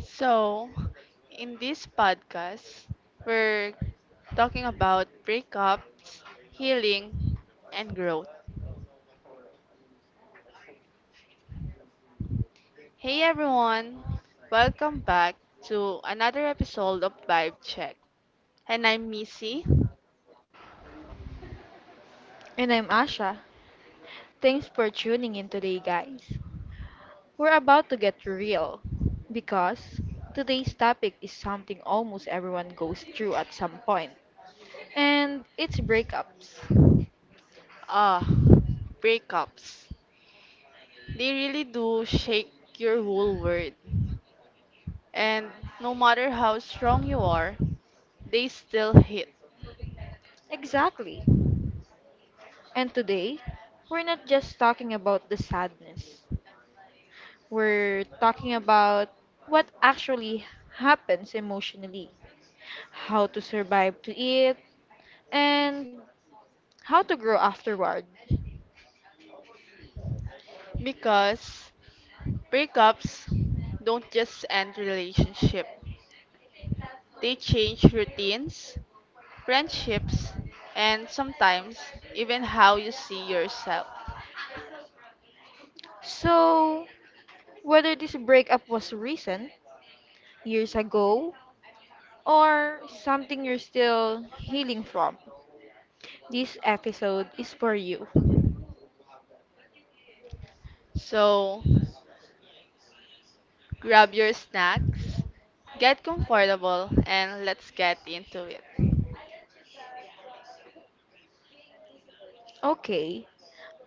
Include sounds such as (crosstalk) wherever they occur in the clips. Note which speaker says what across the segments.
Speaker 1: So, in this podcast, we're talking about breakups, healing, and growth. Hey everyone, welcome back to another episode of Vibe Check. And I'm Missy.
Speaker 2: And I'm Asha. Thanks for tuning in today, guys. We're about to get real because today's topic is something almost everyone goes through at some point, and it's breakups.
Speaker 1: Ah, Breakups. They really do shake your whole world. And no matter how strong you are, they still hit
Speaker 2: Exactly. And today, we're not just talking about the sadness, we're talking about what actually happens emotionally, how to survive to it, and how to grow afterward.
Speaker 1: because breakups don't just end relationship. They change routines, friendships, and sometimes even how you see yourself.
Speaker 2: So, whether this breakup was recent, years ago, or something you're still healing from, this episode is for you.
Speaker 1: So grab your snacks, get comfortable, and let's get into it.
Speaker 2: Okay,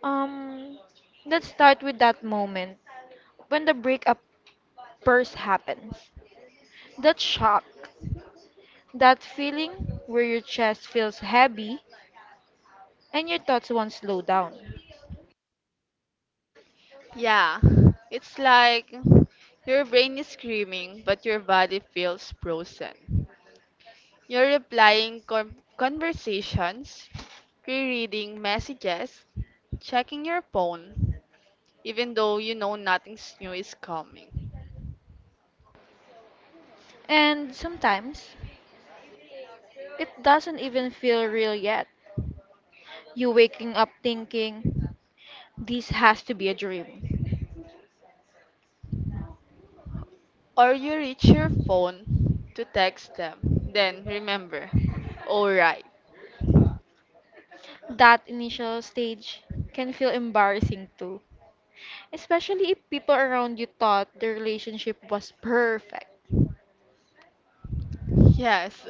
Speaker 2: um, let's start with that moment when the breakup first happens. That shock, that feeling where your chest feels heavy and your thoughts won't slow down.
Speaker 1: Yeah, it's like your brain is screaming, but your body feels frozen. You're replying conversations, rereading messages, checking your phone, even though you know nothing new is coming.
Speaker 2: And sometimes, it doesn't even feel real yet. You waking up thinking, this has to be a dream.
Speaker 1: Or you reach your phone to text them. Then remember, alright,
Speaker 2: That initial stage can feel embarrassing too, especially if people around you thought the relationship was perfect.
Speaker 1: yes.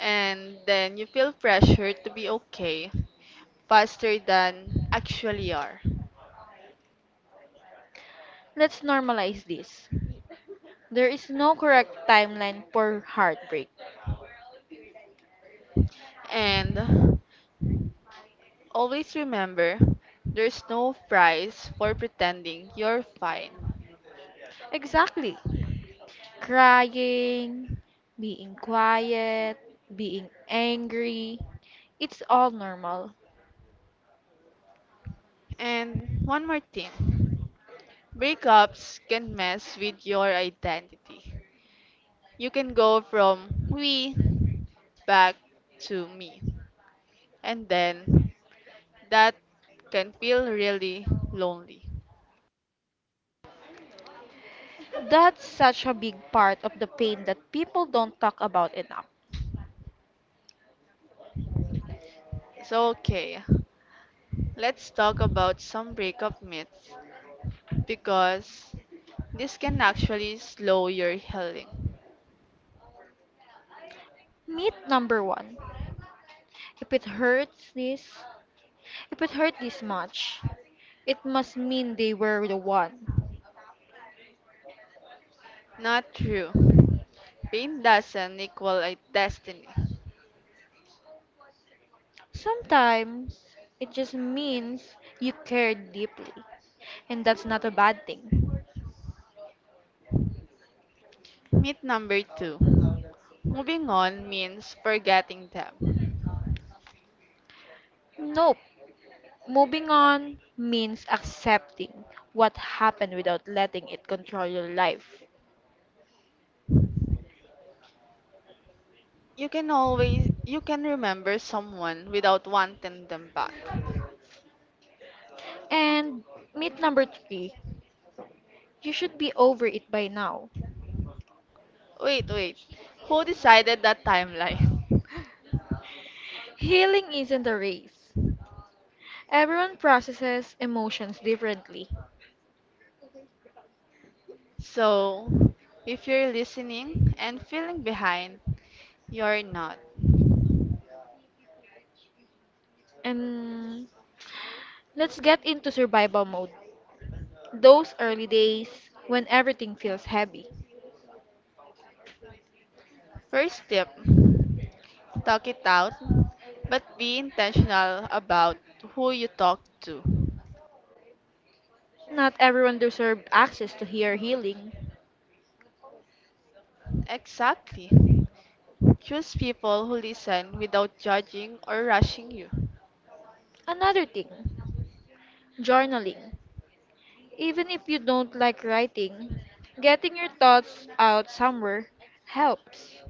Speaker 1: And then you feel pressure to be okay faster than actually are.
Speaker 2: Let's normalize this. There is no correct timeline for heartbreak.
Speaker 1: And always remember, there's no price for pretending you're fine.
Speaker 2: Exactly. Crying, being quiet, being angry, it's all normal.
Speaker 1: And one more thing, breakups can mess with your identity. You can go from we back to me, and then that can feel really lonely.
Speaker 2: That's such a big part of the pain that people don't talk about enough.
Speaker 1: So, okay, let's talk about some breakup myths because this can actually slow your healing.
Speaker 2: Myth number one. If it hurts, this. If it hurt this much, it must mean they were the one.
Speaker 1: Not true. Pain doesn't equal a destiny.
Speaker 2: Sometimes it just means you cared deeply, and that's not a bad thing.
Speaker 1: Myth number two. Moving on means forgetting them.
Speaker 2: Nope. Moving on means accepting what happened without letting it control your life.
Speaker 1: You can remember someone without wanting them back.
Speaker 2: And myth number three, you should be over it by now.
Speaker 1: Wait, wait. Who decided that timeline? (laughs)
Speaker 2: Healing isn't a race. Everyone processes emotions differently.
Speaker 1: So, if you're listening and feeling behind, you're not.
Speaker 2: And let's get into survival mode. Those early days when everything feels heavy.
Speaker 1: First tip, talk it out, but be intentional about who you talk to.
Speaker 2: Not everyone deserved access to hear healing.
Speaker 1: Exactly. Choose people who listen without judging or rushing you.
Speaker 2: Another thing, journaling. Even if you don't like writing, getting your thoughts out somewhere helps.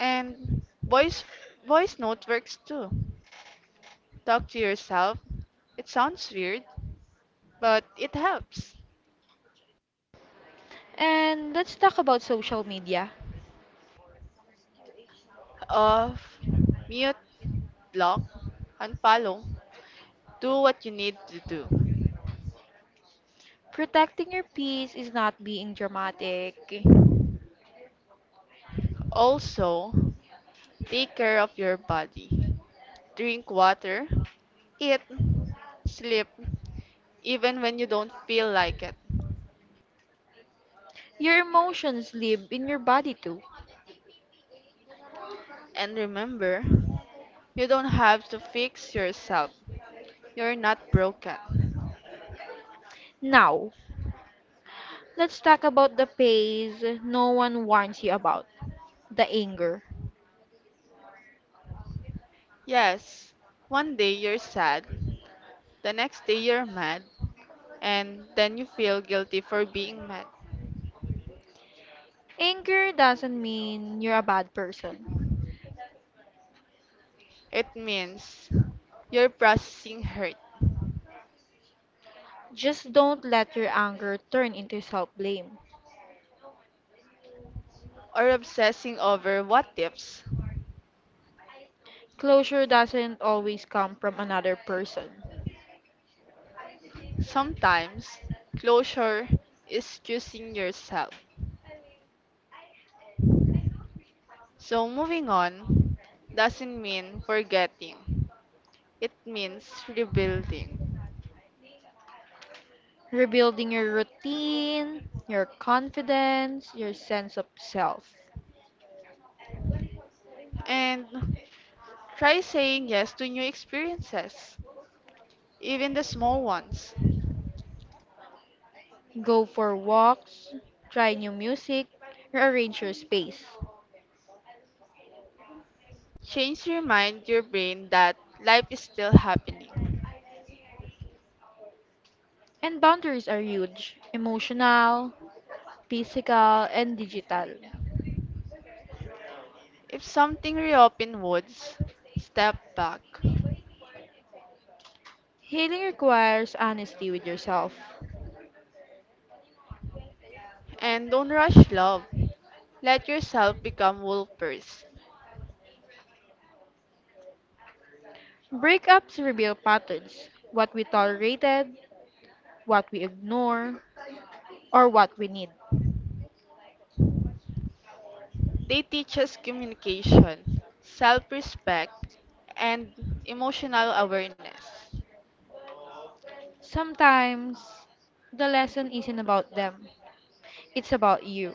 Speaker 1: And voice note works too. Talk to yourself. It sounds weird, but it helps.
Speaker 2: And let's talk about social media.
Speaker 1: Of mute, block, unfollow, do what you need to do.
Speaker 2: Protecting your peace is not being dramatic.
Speaker 1: Also, take care of your body. Drink water, eat, sleep, even when you don't feel like it.
Speaker 2: Your emotions live in your body too.
Speaker 1: And remember, you don't have to fix yourself. You're not broken.
Speaker 2: Now, let's talk about the phase no one warns you about, the anger.
Speaker 1: Yes, one day you're sad, the next day you're mad, and then you feel guilty for being mad.
Speaker 2: Anger doesn't mean you're a bad person.
Speaker 1: It means you're processing hurt
Speaker 2: Just don't let your anger turn into self blame.
Speaker 1: or obsessing over what ifs.
Speaker 2: Closure doesn't always come from another person.
Speaker 1: Sometimes, closure is choosing yourself. So, moving on doesn't mean forgetting, it means rebuilding.
Speaker 2: Rebuilding your routine, your confidence, your sense of self.
Speaker 1: And try saying yes to new experiences, even the small ones.
Speaker 2: Go for walks, try new music, rearrange your space.
Speaker 1: Change your mind, your brain that life is still happening.
Speaker 2: And boundaries are huge, emotional, physical, and digital.
Speaker 1: If something reopen woods, step back.
Speaker 2: Healing requires honesty with yourself.
Speaker 1: And don't rush love. Let yourself become wool first.
Speaker 2: Breakups reveal patterns, what we tolerated, what we ignore, or what we need.
Speaker 1: They teach us communication, self respect, and emotional awareness.
Speaker 2: Sometimes the lesson isn't about them, it's about you.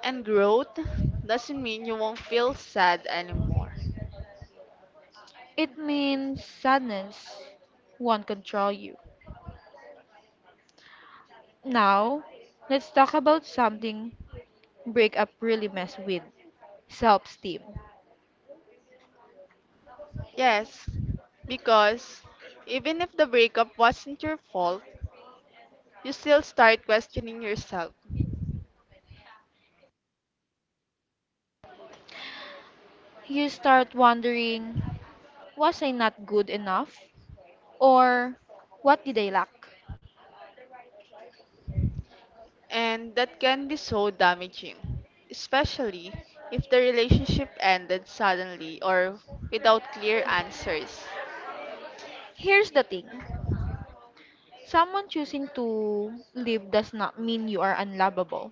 Speaker 1: And growth doesn't mean you won't feel sad anymore.
Speaker 2: It means sadness won't control you. Now, let's talk about something, breakup really mess with self esteem.
Speaker 1: Yes, because even if the breakup wasn't your fault, you still start questioning yourself.
Speaker 2: You start wondering, was I not good enough? Or what did I lack?
Speaker 1: And that can be so damaging, especially if the relationship ended suddenly or without clear answers.
Speaker 2: Here's the thing, someone choosing to live does not mean you are unlovable.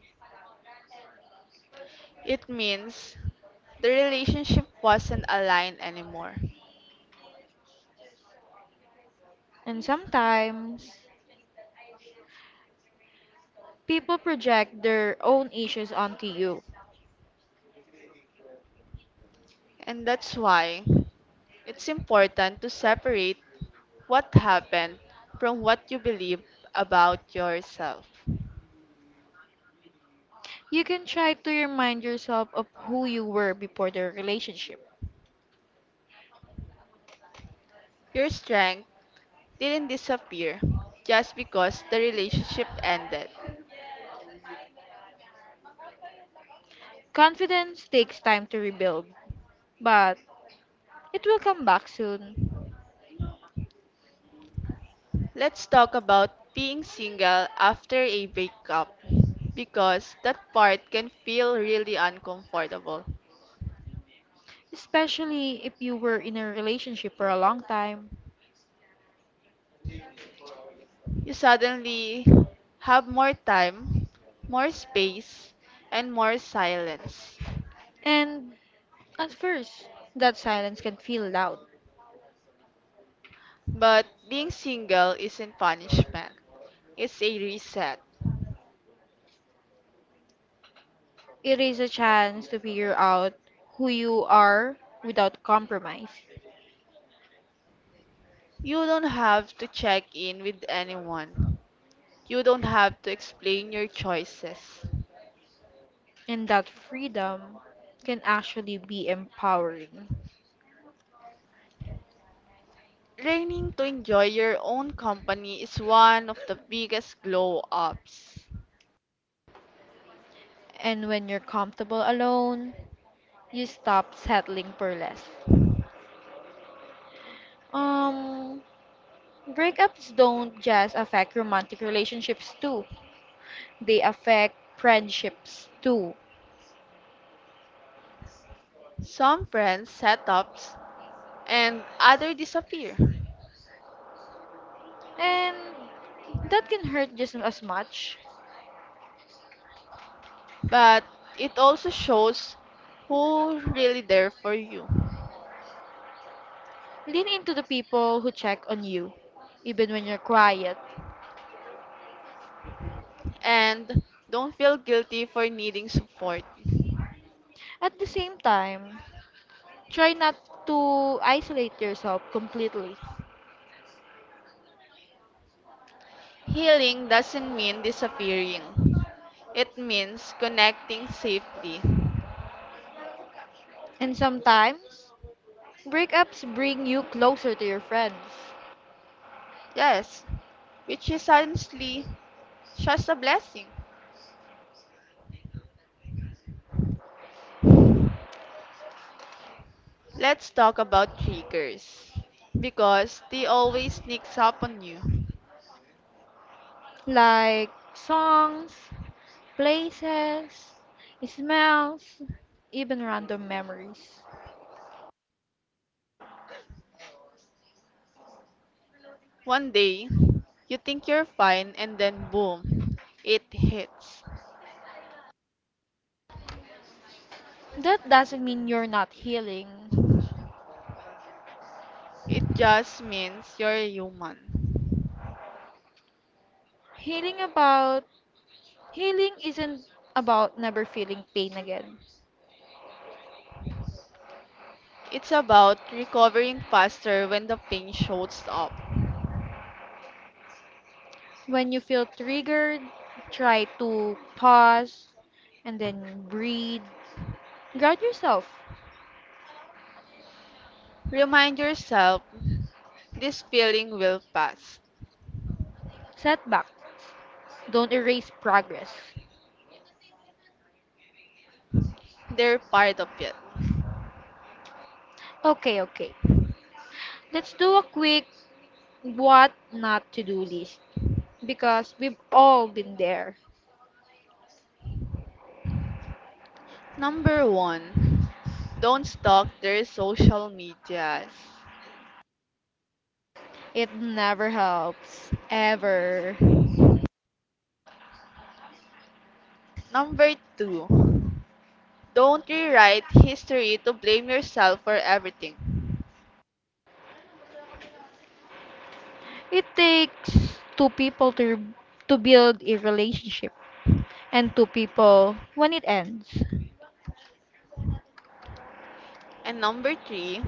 Speaker 1: It means the relationship wasn't aligned anymore,
Speaker 2: And sometimes, people project their own issues onto you.
Speaker 1: and that's why it's important to separate what happened from what you believe about yourself.
Speaker 2: You can try to remind yourself of who you were before the relationship.
Speaker 1: Your strength didn't disappear just because the relationship ended.
Speaker 2: Confidence takes time to rebuild, but it will come back soon,
Speaker 1: Let's talk about being single after a breakup because that part can feel really uncomfortable.
Speaker 2: especially if you were in a relationship for a long time.
Speaker 1: You suddenly have more time, more space, and more silence.
Speaker 2: And at first, that silence can feel loud.
Speaker 1: But being single isn't punishment, it's a reset.
Speaker 2: It is a chance to figure out who you are without compromise.
Speaker 1: You don't have to check in with anyone, you don't have to explain your choices.
Speaker 2: And that freedom can actually be empowering.
Speaker 1: Learning to enjoy your own company is one of the biggest glow ups.
Speaker 2: And when you're comfortable alone, you stop settling for less. Um, Breakups don't just affect romantic relationships too. They affect friendships too.
Speaker 1: Some friends set ups and others disappear,
Speaker 2: And that can hurt just as much.
Speaker 1: but it also shows who really there for you.
Speaker 2: Lean into the people who check on you, even when you're quiet.
Speaker 1: And don't feel guilty for needing support.
Speaker 2: At the same time, try not to isolate yourself completely.
Speaker 1: Healing doesn't mean disappearing. It means connecting safely.
Speaker 2: And sometimes, breakups bring you closer to your friends,
Speaker 1: Yes, which is honestly just a blessing. Let's talk about triggers because they always sneaks up on you.
Speaker 2: like songs, places, smells, even random memories.
Speaker 1: One day, you think you're fine and then boom, it hits.
Speaker 2: That doesn't mean you're not healing.
Speaker 1: It just means you're human.
Speaker 2: Healing about Healing isn't about never feeling pain again.
Speaker 1: It's about recovering faster when the pain shows up.
Speaker 2: When you feel triggered, try to pause and then breathe. Ground yourself.
Speaker 1: Remind yourself this feeling will pass.
Speaker 2: Setback. Don't erase progress.
Speaker 1: They're part of it.
Speaker 2: Okay, okay. Let's do a quick what not to do list because we've all been there.
Speaker 1: Number 1. Don't stalk their social medias.
Speaker 2: It never helps. Ever.
Speaker 1: Number 2. Don't rewrite history to blame yourself for everything.
Speaker 2: It takes two people to build a relationship and two people when it ends.
Speaker 1: And number three,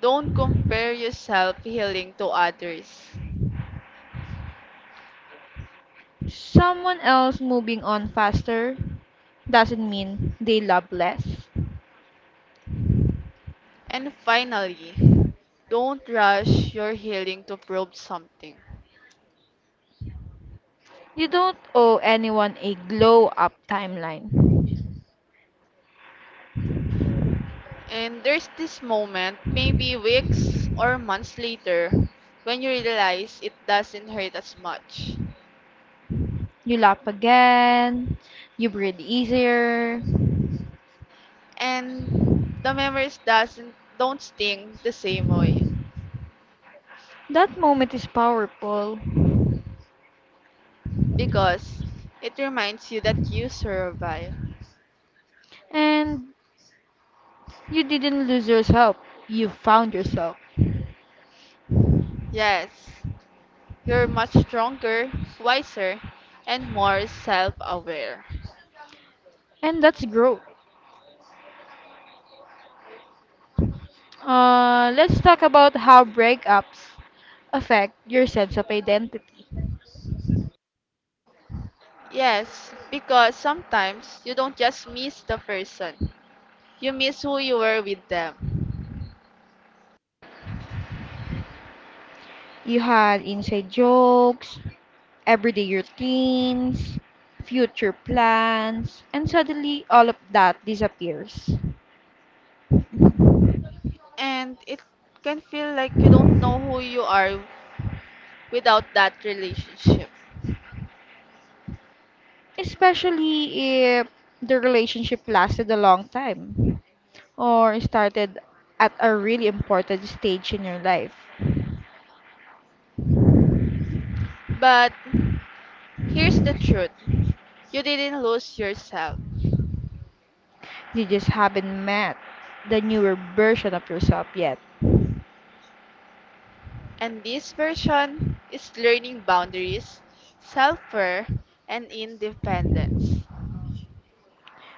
Speaker 1: don't compare yourself healing to others.
Speaker 2: Someone else moving on faster doesn't mean they love less.
Speaker 1: And finally, don't rush your healing to prove something.
Speaker 2: You don't owe anyone a glow up timeline.
Speaker 1: And there's this moment, maybe weeks or months later, when you realize it doesn't hurt as much.
Speaker 2: You laugh again, you breathe easier.
Speaker 1: And the memories doesn't don't sting the same way
Speaker 2: That moment is powerful,
Speaker 1: because it reminds you that you survive.
Speaker 2: and you didn't lose yourself, you found yourself,
Speaker 1: Yes, you're much stronger, wiser, and more self aware.
Speaker 2: and that's growth. Let's talk about how breakups affect your sense of identity.
Speaker 1: Yes, because sometimes you don't just miss the person, you miss who you were with them.
Speaker 2: You had inside jokes, everyday routines, future plans, and suddenly all of that disappears.
Speaker 1: And it can feel like you don't know who you are without that relationship.
Speaker 2: Especially if the relationship lasted a long time or started at a really important stage in your life.
Speaker 1: But here's the truth, you didn't lose yourself.
Speaker 2: You just haven't met the newer version of yourself yet,
Speaker 1: And this version is learning boundaries, self care, and independence.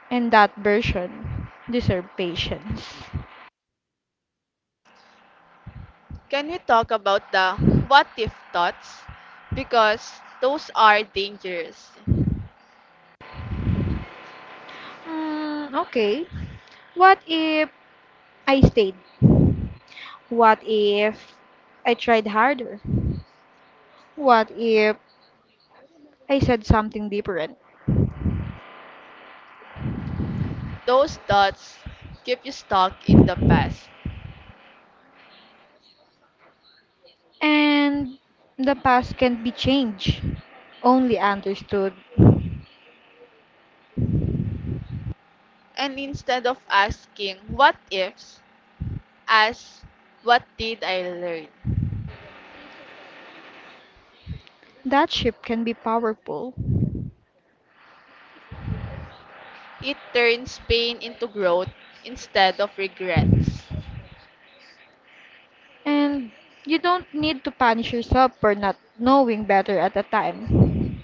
Speaker 2: and that version deserves patience.
Speaker 1: Can we talk about the what if thoughts? Because those are dangerous.
Speaker 2: Mm, okay. What if I stayed? What if I tried harder? What if I said something different?
Speaker 1: Those thoughts keep you stuck in the past.
Speaker 2: And the past can be changed, only understood.
Speaker 1: And instead of asking what ifs, ask what did I learn?
Speaker 2: That shift can be powerful.
Speaker 1: It turns pain into growth instead of regrets.
Speaker 2: And you don't need to punish yourself for not knowing better at the time.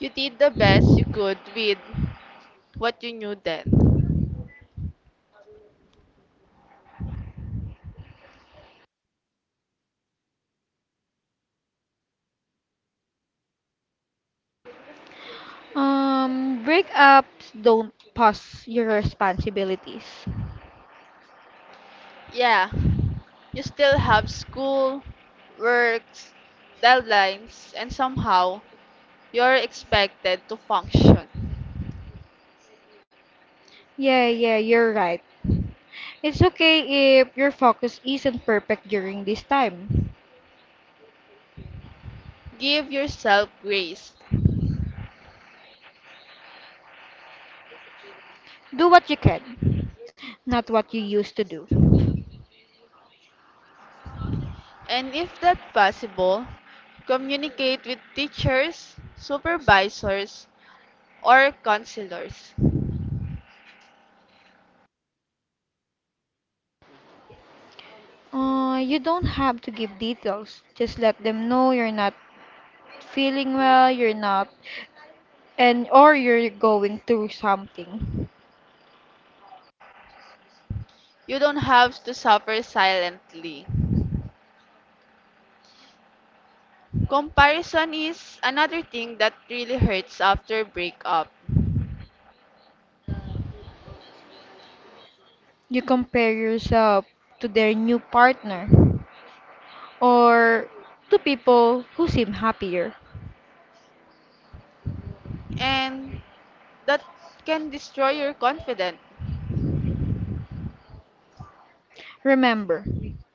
Speaker 1: You did the best you could with what you knew then.
Speaker 2: Breakups don't pause your responsibilities.
Speaker 1: Yeah, you still have school, works, deadlines, and somehow you're expected to function.
Speaker 2: Yeah, yeah, you're right. It's okay if your focus isn't perfect during this time.
Speaker 1: Give yourself grace.
Speaker 2: Do what you can, not what you used to do.
Speaker 1: And if that's possible, communicate with teachers, supervisors, or counselors.
Speaker 2: You don't have to give details. Just let them know you're not feeling well, you're not, and or you're going through something.
Speaker 1: You don't have to suffer silently. Comparison is another thing that really hurts after breakup,
Speaker 2: You compare yourself to their new partner or to people who seem happier.
Speaker 1: and that can destroy your confidence.
Speaker 2: Remember,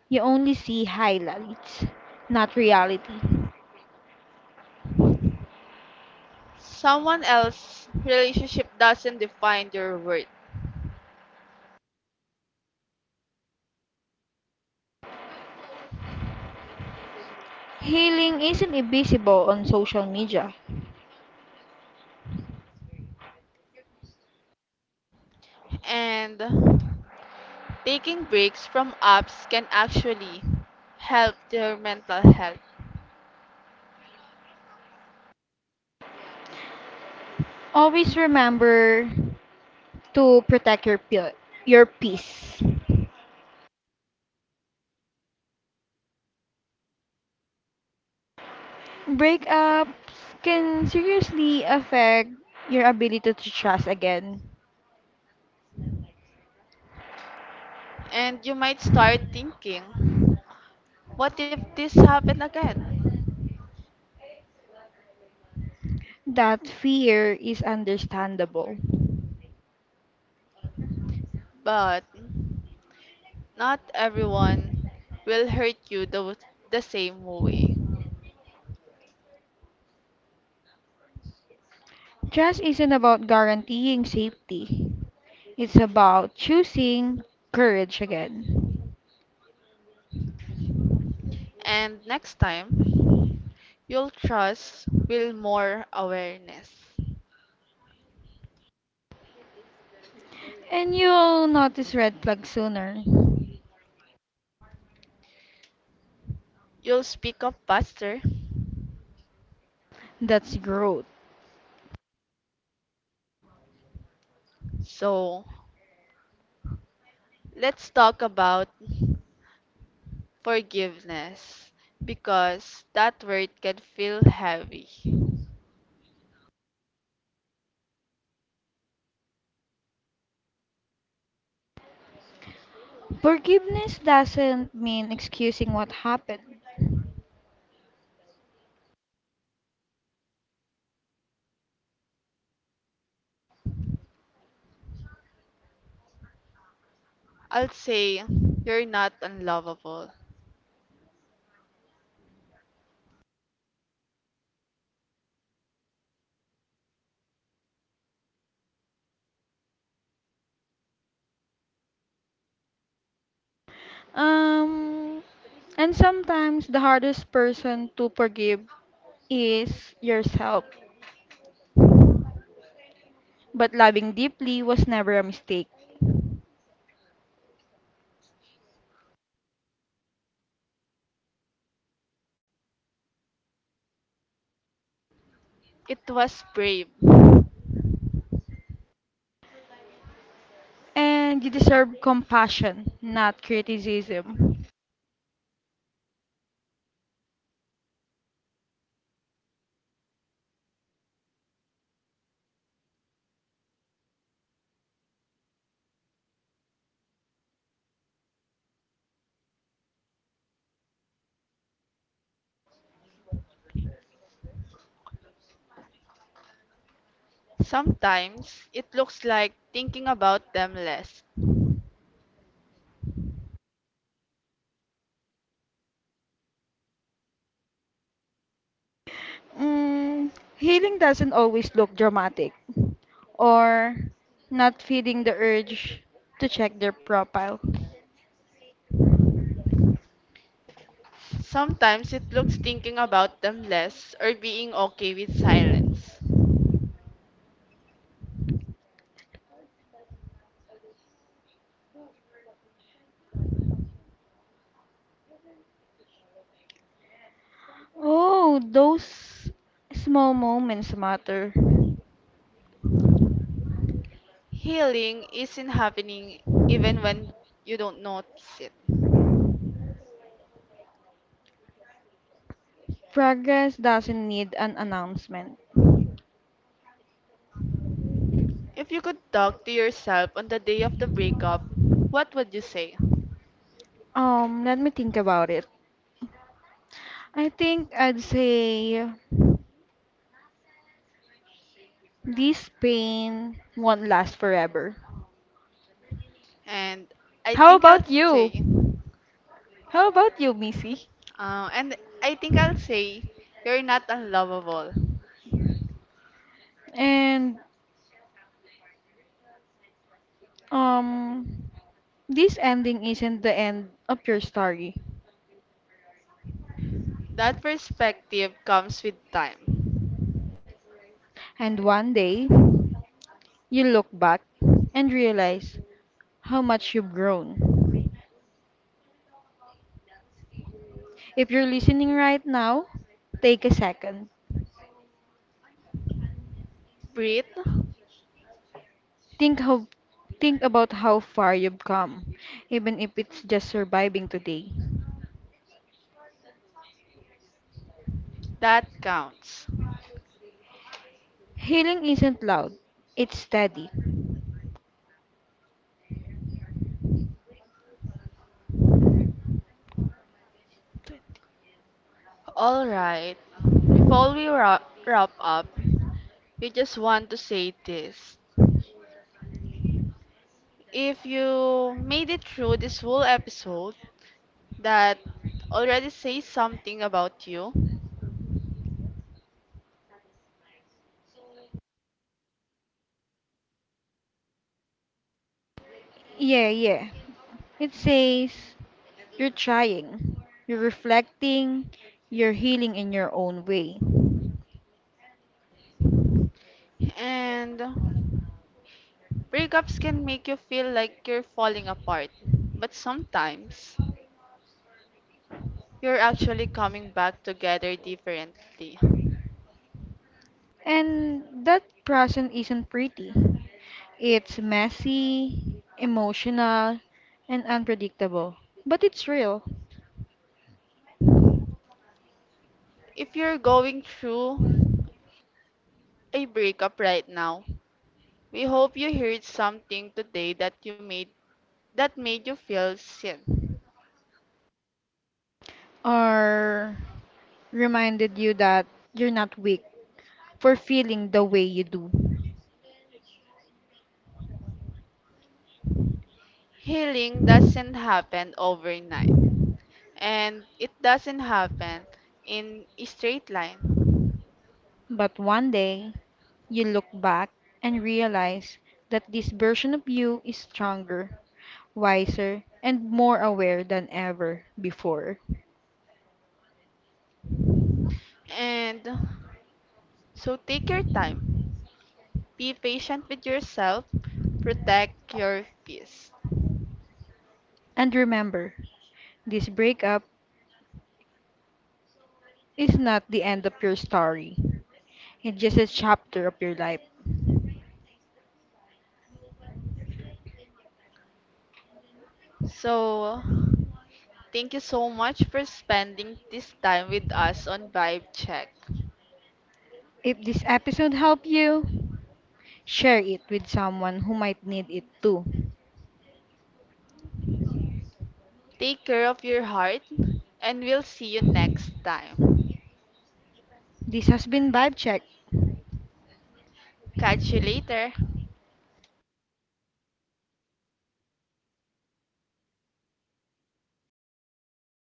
Speaker 2: you only see highlights, not reality.
Speaker 1: Someone else's relationship doesn't define your worth.
Speaker 2: Healing isn't invisible on social media.
Speaker 1: And taking breaks from apps can actually help their mental health.
Speaker 2: Always remember to protect your your peace. Breakups can seriously affect your ability to trust again.
Speaker 1: And you might start thinking, what if this happened again?
Speaker 2: That fear is understandable.
Speaker 1: But not everyone will hurt you the same way.
Speaker 2: Trust isn't about guaranteeing safety, it's about choosing courage again.
Speaker 1: And next time, you'll trust with more awareness.
Speaker 2: And you'll notice red flags sooner.
Speaker 1: You'll speak up faster.
Speaker 2: That's growth.
Speaker 1: So, let's talk about forgiveness because that word can feel heavy.
Speaker 2: Forgiveness doesn't mean excusing what happened.
Speaker 1: I'll say you're not unlovable.
Speaker 2: Um, and sometimes the hardest person to forgive is yourself. But loving deeply was never a mistake.
Speaker 1: It was brave.
Speaker 2: And you deserve compassion, not criticism.
Speaker 1: Sometimes it looks like thinking about them less.
Speaker 2: Mm, healing doesn't always look dramatic, or not feeling the urge to check their profile.
Speaker 1: Sometimes it looks thinking about them less or being okay with silence.
Speaker 2: Oh, those small moments matter.
Speaker 1: Healing isn't happening even when you don't notice it.
Speaker 2: Progress doesn't need an announcement.
Speaker 1: If you could talk to yourself on the day of the breakup, what would you say?
Speaker 2: Let me think about it. I think I'd say this pain won't last forever.
Speaker 1: And I
Speaker 2: How
Speaker 1: think I'll
Speaker 2: about you?
Speaker 1: say,
Speaker 2: How about you, Missy?
Speaker 1: and I think I'll say, you're not unlovable.
Speaker 2: And um this ending isn't the end of your story.
Speaker 1: That perspective comes with time.
Speaker 2: And one day you look back and realize how much you've grown. If you're listening right now, take a second.
Speaker 1: Breathe,
Speaker 2: Think how think about how far you've come, even if it's just surviving today.
Speaker 1: that counts.
Speaker 2: Healing isn't loud, it's steady.
Speaker 1: All right, before we wrap up, we just want to say this. If you made it through this whole episode, that already says something about you.
Speaker 2: Yeah, yeah. It says, you're trying, you're reflecting, you're healing in your own way.
Speaker 1: And breakups can make you feel like you're falling apart, but sometimes you're actually coming back together differently.
Speaker 2: And that process isn't pretty. It's messy, emotional, and unpredictable. But it's real.
Speaker 1: If you're going through a breakup right now, we hope you heard something today that you made that made you feel seen.
Speaker 2: Or reminded you that you're not weak for feeling the way you do.
Speaker 1: Healing doesn't happen overnight, and it doesn't happen in a straight line.
Speaker 2: But one day, you look back and realize that this version of you is stronger, wiser, and more aware than ever before.
Speaker 1: And so take your time. Be patient with yourself. Protect your peace.
Speaker 2: And remember, this breakup is not the end of your story. It's just a chapter of your life.
Speaker 1: So, thank you so much for spending this time with us on Vibe Check.
Speaker 2: If this episode helped you, share it with someone who might need it too.
Speaker 1: Take care of your heart, and we'll see you next time.
Speaker 2: This has been Vibe Check.
Speaker 1: Catch you later.